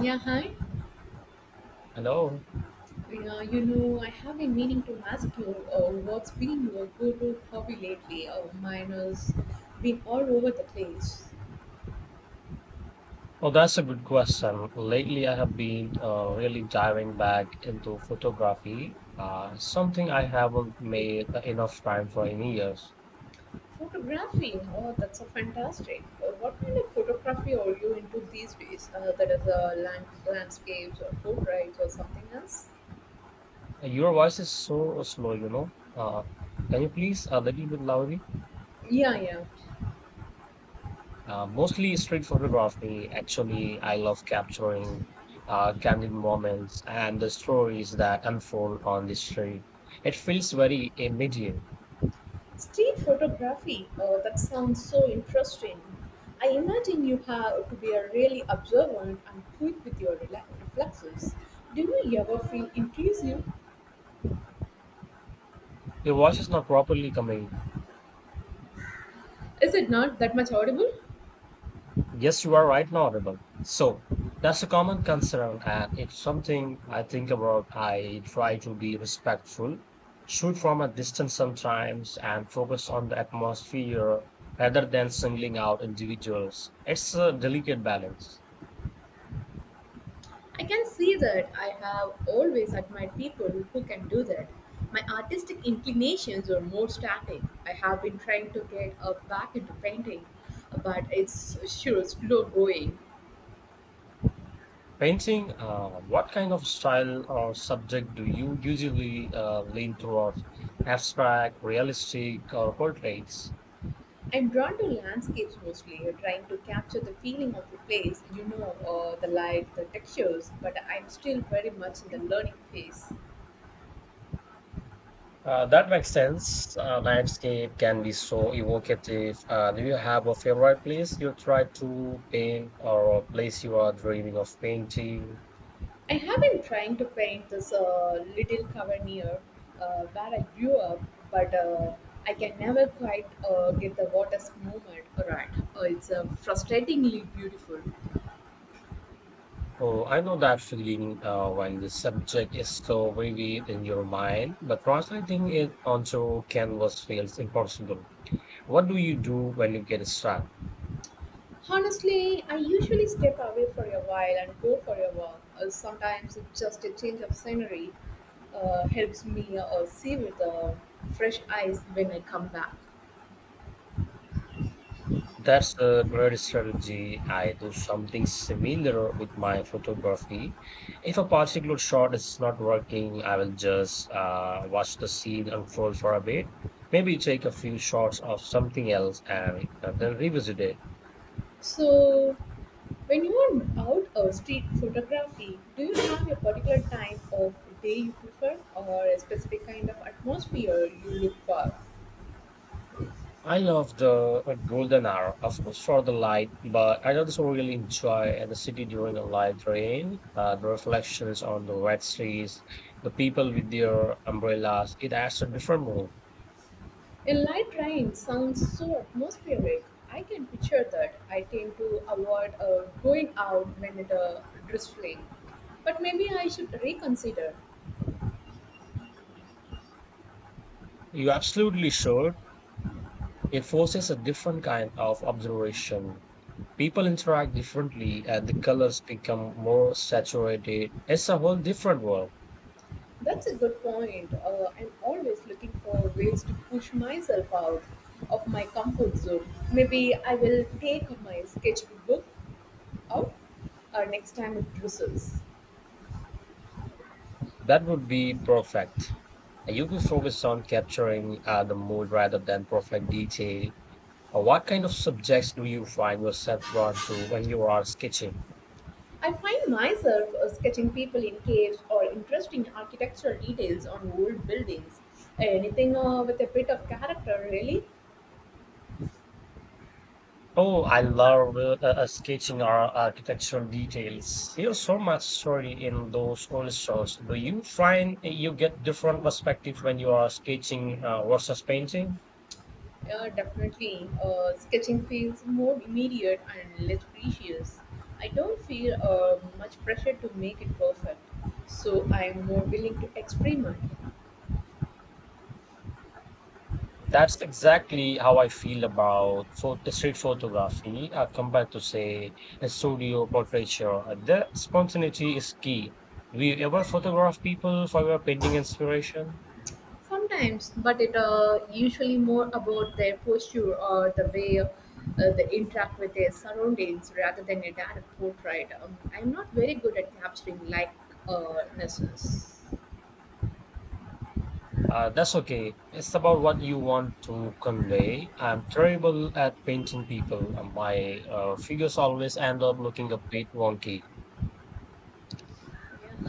Yeah, hi. Hello. Yeah, you know, I have been meaning to ask you what's been your go-to hobby lately? Mine has been all over the place. Well, that's a good question. Lately, I have been really diving back into photography, something I haven't made enough time for in years. Photography. Oh, that's a fantastic. What kind of photography are you into these days? That is landscapes or portraits or something else? Your voice is so slow, you know. Can you please a little bit loudly? Yeah, yeah. Mostly street photography. Actually, I love capturing candid moments and the stories that unfold on the street. It feels very immediate. Street photography, oh, that sounds so interesting. I imagine you have to be a really observant and quick with your reflexes. Do you ever feel intrusive? Your voice is not properly coming. Is it not that much audible? Yes, you are right now audible. So that's a common concern, and it's something I think about. I try to be respectful, shoot from a distance sometimes, and focus on the atmosphere rather than singling out individuals. It's a delicate balance. I can see that I have always admired people who can do that. My artistic inclinations were more static. I have been trying to get up back into painting, but it's sure slow going. Painting, what kind of style or subject do you usually lean toward? Abstract, realistic, or portraits? I'm drawn to landscapes mostly, trying to capture the feeling of the place, you know, the light, the textures, but I'm still very much in the learning phase. That makes sense. Landscape can be so evocative. Do you have a favorite place you try to paint or a place you are dreaming of painting? I have been trying to paint this little cover near where I grew up, but I can never quite get the water's movement right. It's frustratingly beautiful. Oh, I know that feeling when the subject is so vivid in your mind, but translating it onto canvas feels impossible. What do you do when you get stuck? Honestly, I usually step away for a while and go for a walk. Sometimes it's just a change of scenery helps me see with fresh eyes when I come back. That's a great strategy. I do something similar with my photography. If a particular shot is not working, I will just watch the scene unfold for a bit. Maybe take a few shots of something else and then revisit it. So, when you are out of street photography, do you have a particular time of day you prefer or a specific kind of atmosphere you look for? I love the golden hour, of course, for the light, but I also really enjoy the city during a light rain, the reflections on the wet streets, the people with their umbrellas. It adds a different mood. A light rain sounds so atmospheric. I can picture that. I tend to avoid going out when it drizzling. But maybe I should reconsider. You're absolutely sure it forces a different kind of observation. People interact differently, and the colors become more saturated. It's a whole different world. That's a good point. I'm always looking for ways to push myself out of my comfort zone. Maybe I will take my sketchbook out next time it drizzles. That would be perfect. You could focus on capturing the mood rather than perfect detail. What kind of subjects do you find yourself drawn to when you are sketching? I find myself sketching people in caves or interesting architectural details on old buildings. Anything with a bit of character, really? Oh, I love sketching our architectural details. There's so much story in those old shows. Do you find you get different perspective when you are sketching versus painting? Definitely. Sketching feels more immediate and less precious. I don't feel much pressure to make it perfect, so I'm more willing to experiment. That's exactly how I feel about photo, street photography compared to, say, a studio portraiture. The spontaneity is key. Do you ever photograph people for your painting inspiration? Sometimes, but it usually more about their posture or the way they interact with their surroundings rather than a direct portrait. I'm not very good at capturing likenesses. That's okay. It's about what you want to convey. I'm terrible at painting people. And My figures always end up looking a bit wonky.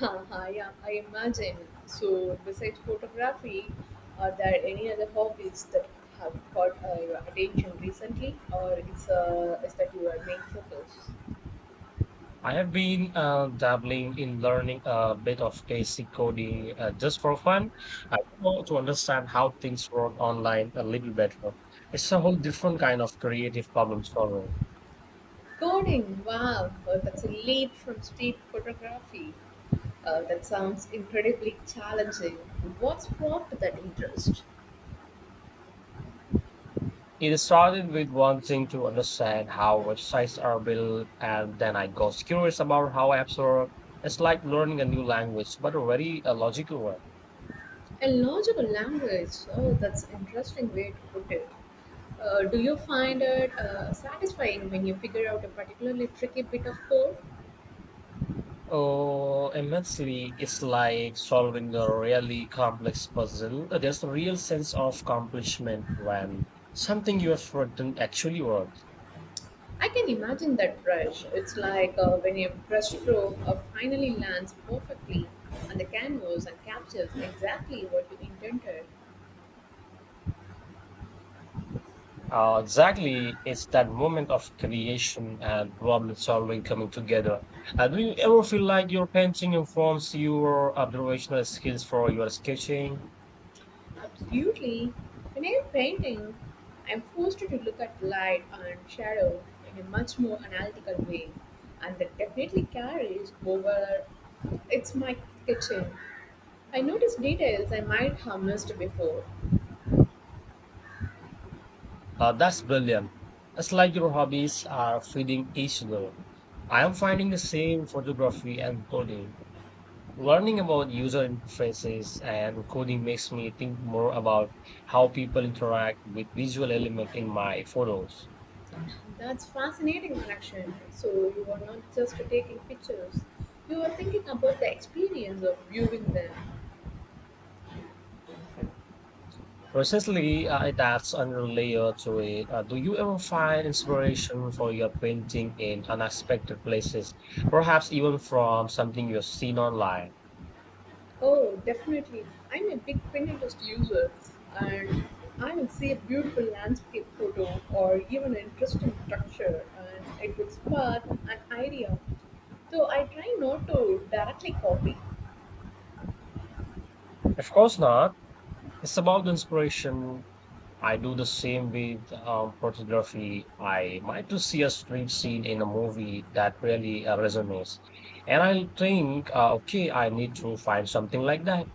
Yeah, I imagine. So, besides photography, are there any other hobbies that have caught your attention recently, or it's is that your main focus? I have been dabbling in learning a bit of basic coding just for fun. I want to understand how things work online a little better. It's a whole different kind of creative problem solving. Coding, wow, that's a leap from street photography. That sounds incredibly challenging. What sparked that interest? It started with wanting to understand how websites are built, and then I got curious about how apps work. It's like learning a new language, but a very logical one. A logical language, oh, that's an interesting way to put it. Do you find it satisfying when you figure out a particularly tricky bit of code? Oh, immensely. It's like solving a really complex puzzle. There's a real sense of accomplishment when something you have written actually works. I can imagine that brush. It's like when your brushstroke finally lands perfectly on the canvas and captures exactly what you intended. Exactly. It's that moment of creation and problem solving coming together. Do you ever feel like your painting informs your observational skills for your sketching? Absolutely. When I'm painting, I'm forced to look at light and shadow in a much more analytical way, and that definitely carries over. It's my kitchen. I notice details I might have missed before. That's brilliant. It's like your hobbies are feeding each other. I am finding the same photography and coding. Learning about user interfaces and coding makes me think more about how people interact with visual element in my photos. That's fascinating connection. So you are not just taking pictures; you are thinking about the experience of viewing them. Precisely, it adds another layer to it. Do you ever find inspiration for your painting in unexpected places, perhaps even from something you've seen online? Oh, definitely. I'm a big Pinterest user and I'll see a beautiful landscape photo or even an interesting structure and it will spark an idea. So I try not to directly copy. Of course not. It's about the inspiration. I do the same with photography. I might to see a street scene in a movie that really resonates, and I'll think, okay, I need to find something like that.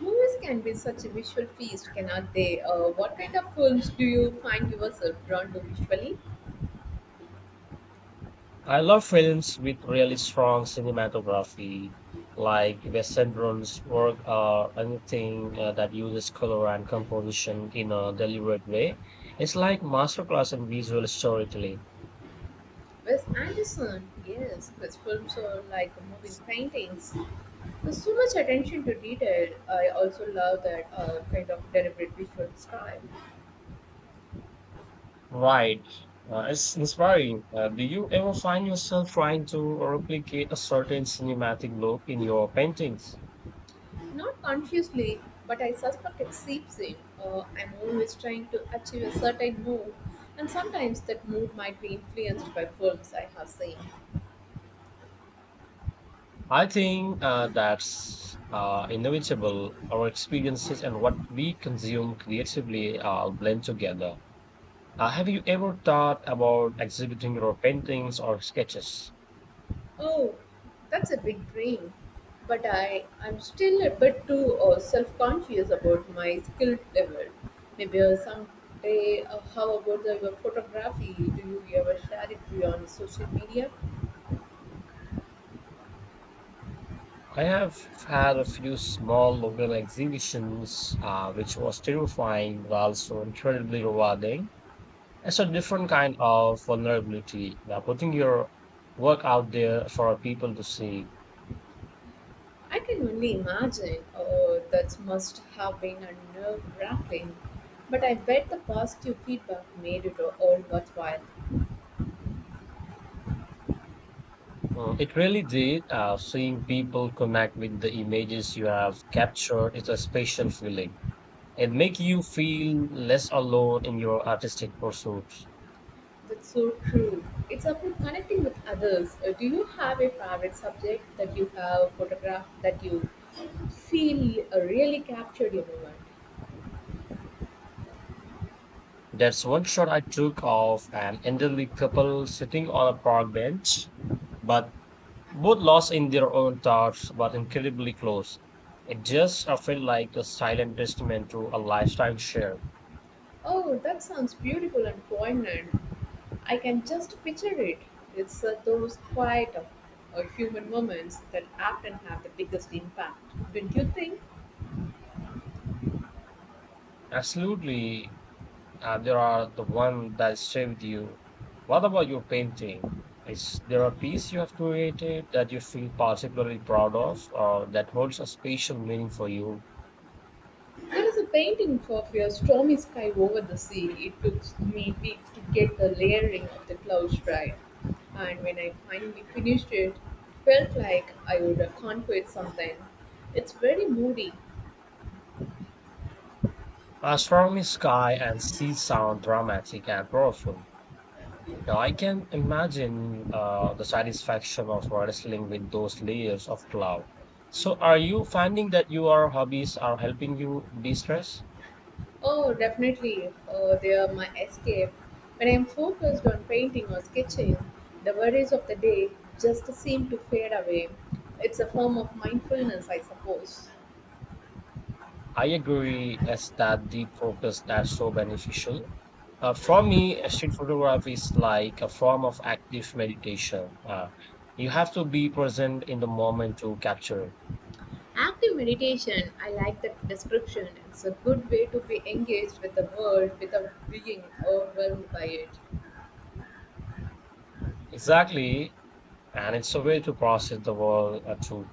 Movies can be such a visual feast, cannot they? What kind of films do you find yourself drawn to visually? I love films with really strong cinematography, like Wes Anderson's work or anything that uses color and composition in a deliberate way. It's like masterclass in visual storytelling. Wes Anderson, yes, his films are like moving paintings. There's so much attention to detail. I also love that kind of deliberate visual style. Right. It's inspiring. Do you ever find yourself trying to replicate a certain cinematic look in your paintings? Not consciously, but I suspect it seeps in. I'm always trying to achieve a certain mood, and sometimes that mood might be influenced by films I have seen. I think that's inevitable. Our experiences and what we consume creatively blend together. Have you ever thought about exhibiting your paintings or sketches? Oh, that's a big dream. But I'm still a bit too self conscious about my skill level. Maybe someday, how about the photography? Do you ever share it beyond social media? I have had a few small local exhibitions, which was terrifying but also incredibly rewarding. It's a different kind of vulnerability, putting your work out there for people to see. I can only imagine. Oh, that must have been a nerve wracking. But I bet the positive feedback made it all worthwhile. Mm, it really did. Seeing people connect with the images you have captured is a special feeling. It make you feel less alone in your artistic pursuits. That's so true. It's about connecting with others. Do you have a favorite subject that you have photographed that you feel really captured your moment? That's one shot I took of an elderly couple sitting on a park bench, but both lost in their own thoughts, but incredibly close. It just felt like a silent testament to a lifetime shared. Oh, that sounds beautiful and poignant. I can just picture it. It's those quiet human moments that often have the biggest impact, don't you think? Absolutely, there are the one that saved you. What about your painting? Is there a piece you have created that you feel particularly proud of, or that holds a special meaning for you? There is a painting of a stormy sky over the sea. It took me weeks to get the layering of the clouds right, and when I finally finished it, felt like I would have conquered something. It's very moody. Astronomy, sky, and sea sound dramatic and powerful. Yeah, I can imagine the satisfaction of wrestling with those layers of cloud. So, are you finding that your hobbies are helping you de stress? Oh, definitely, oh, they are my escape. When I'm focused on painting or sketching, the worries of the day just seem to fade away. It's a form of mindfulness, I suppose. I agree, as that deep focus that's so beneficial. For me, street photography is like a form of active meditation. You have to be present in the moment to capture it. Active meditation, I like that description. It's a good way to be engaged with the world without being overwhelmed by it. Exactly. And it's a way to process the world through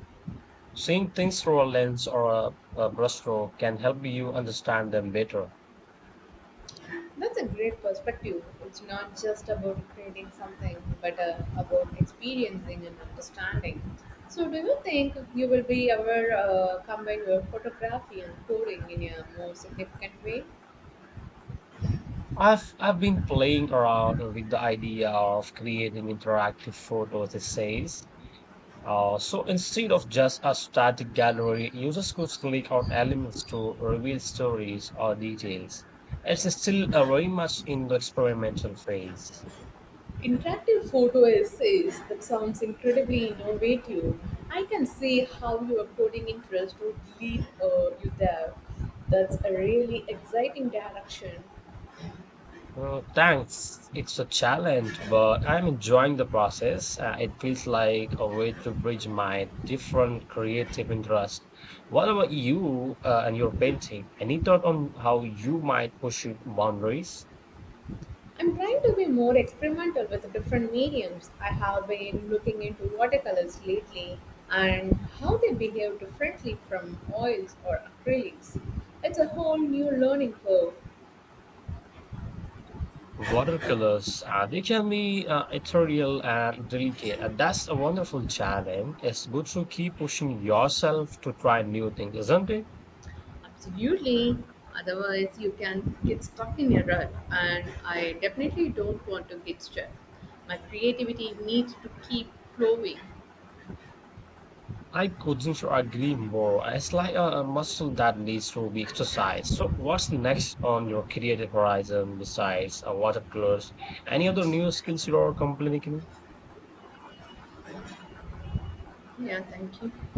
seeing things through a lens or a brushstroke can help you understand them better. That's a great perspective. It's not just about creating something, but about experiencing and understanding. So, do you think you will be ever combine your photography and coding in a more significant way? I've been playing around with the idea of creating interactive photos essays. So instead of just a static gallery, users could click on elements to reveal stories or details. It's still very much in the experimental phase. Interactive photo essays that sounds incredibly innovative. I can see how your coding interest would lead you there. That's a really exciting direction. Thanks. It's a challenge, but I'm enjoying the process. It feels like a way to bridge my different creative interests. What about you and your painting? Any thought on how you might push your boundaries? I'm trying to be more experimental with different mediums. I have been looking into watercolors lately and how they behave differently from oils or acrylics. It's a whole new learning curve. Watercolors, they can be ethereal and delicate, and that's a wonderful challenge. It's good to keep pushing yourself to try new things, isn't it? Absolutely. Otherwise, you can get stuck in a rut, and I definitely don't want to get stuck. My creativity needs to keep flowing. I couldn't agree more. It's like a muscle that needs to be exercised. So what's next on your creative horizon besides watercolors? Any other new skills you're completing? Yeah, thank you.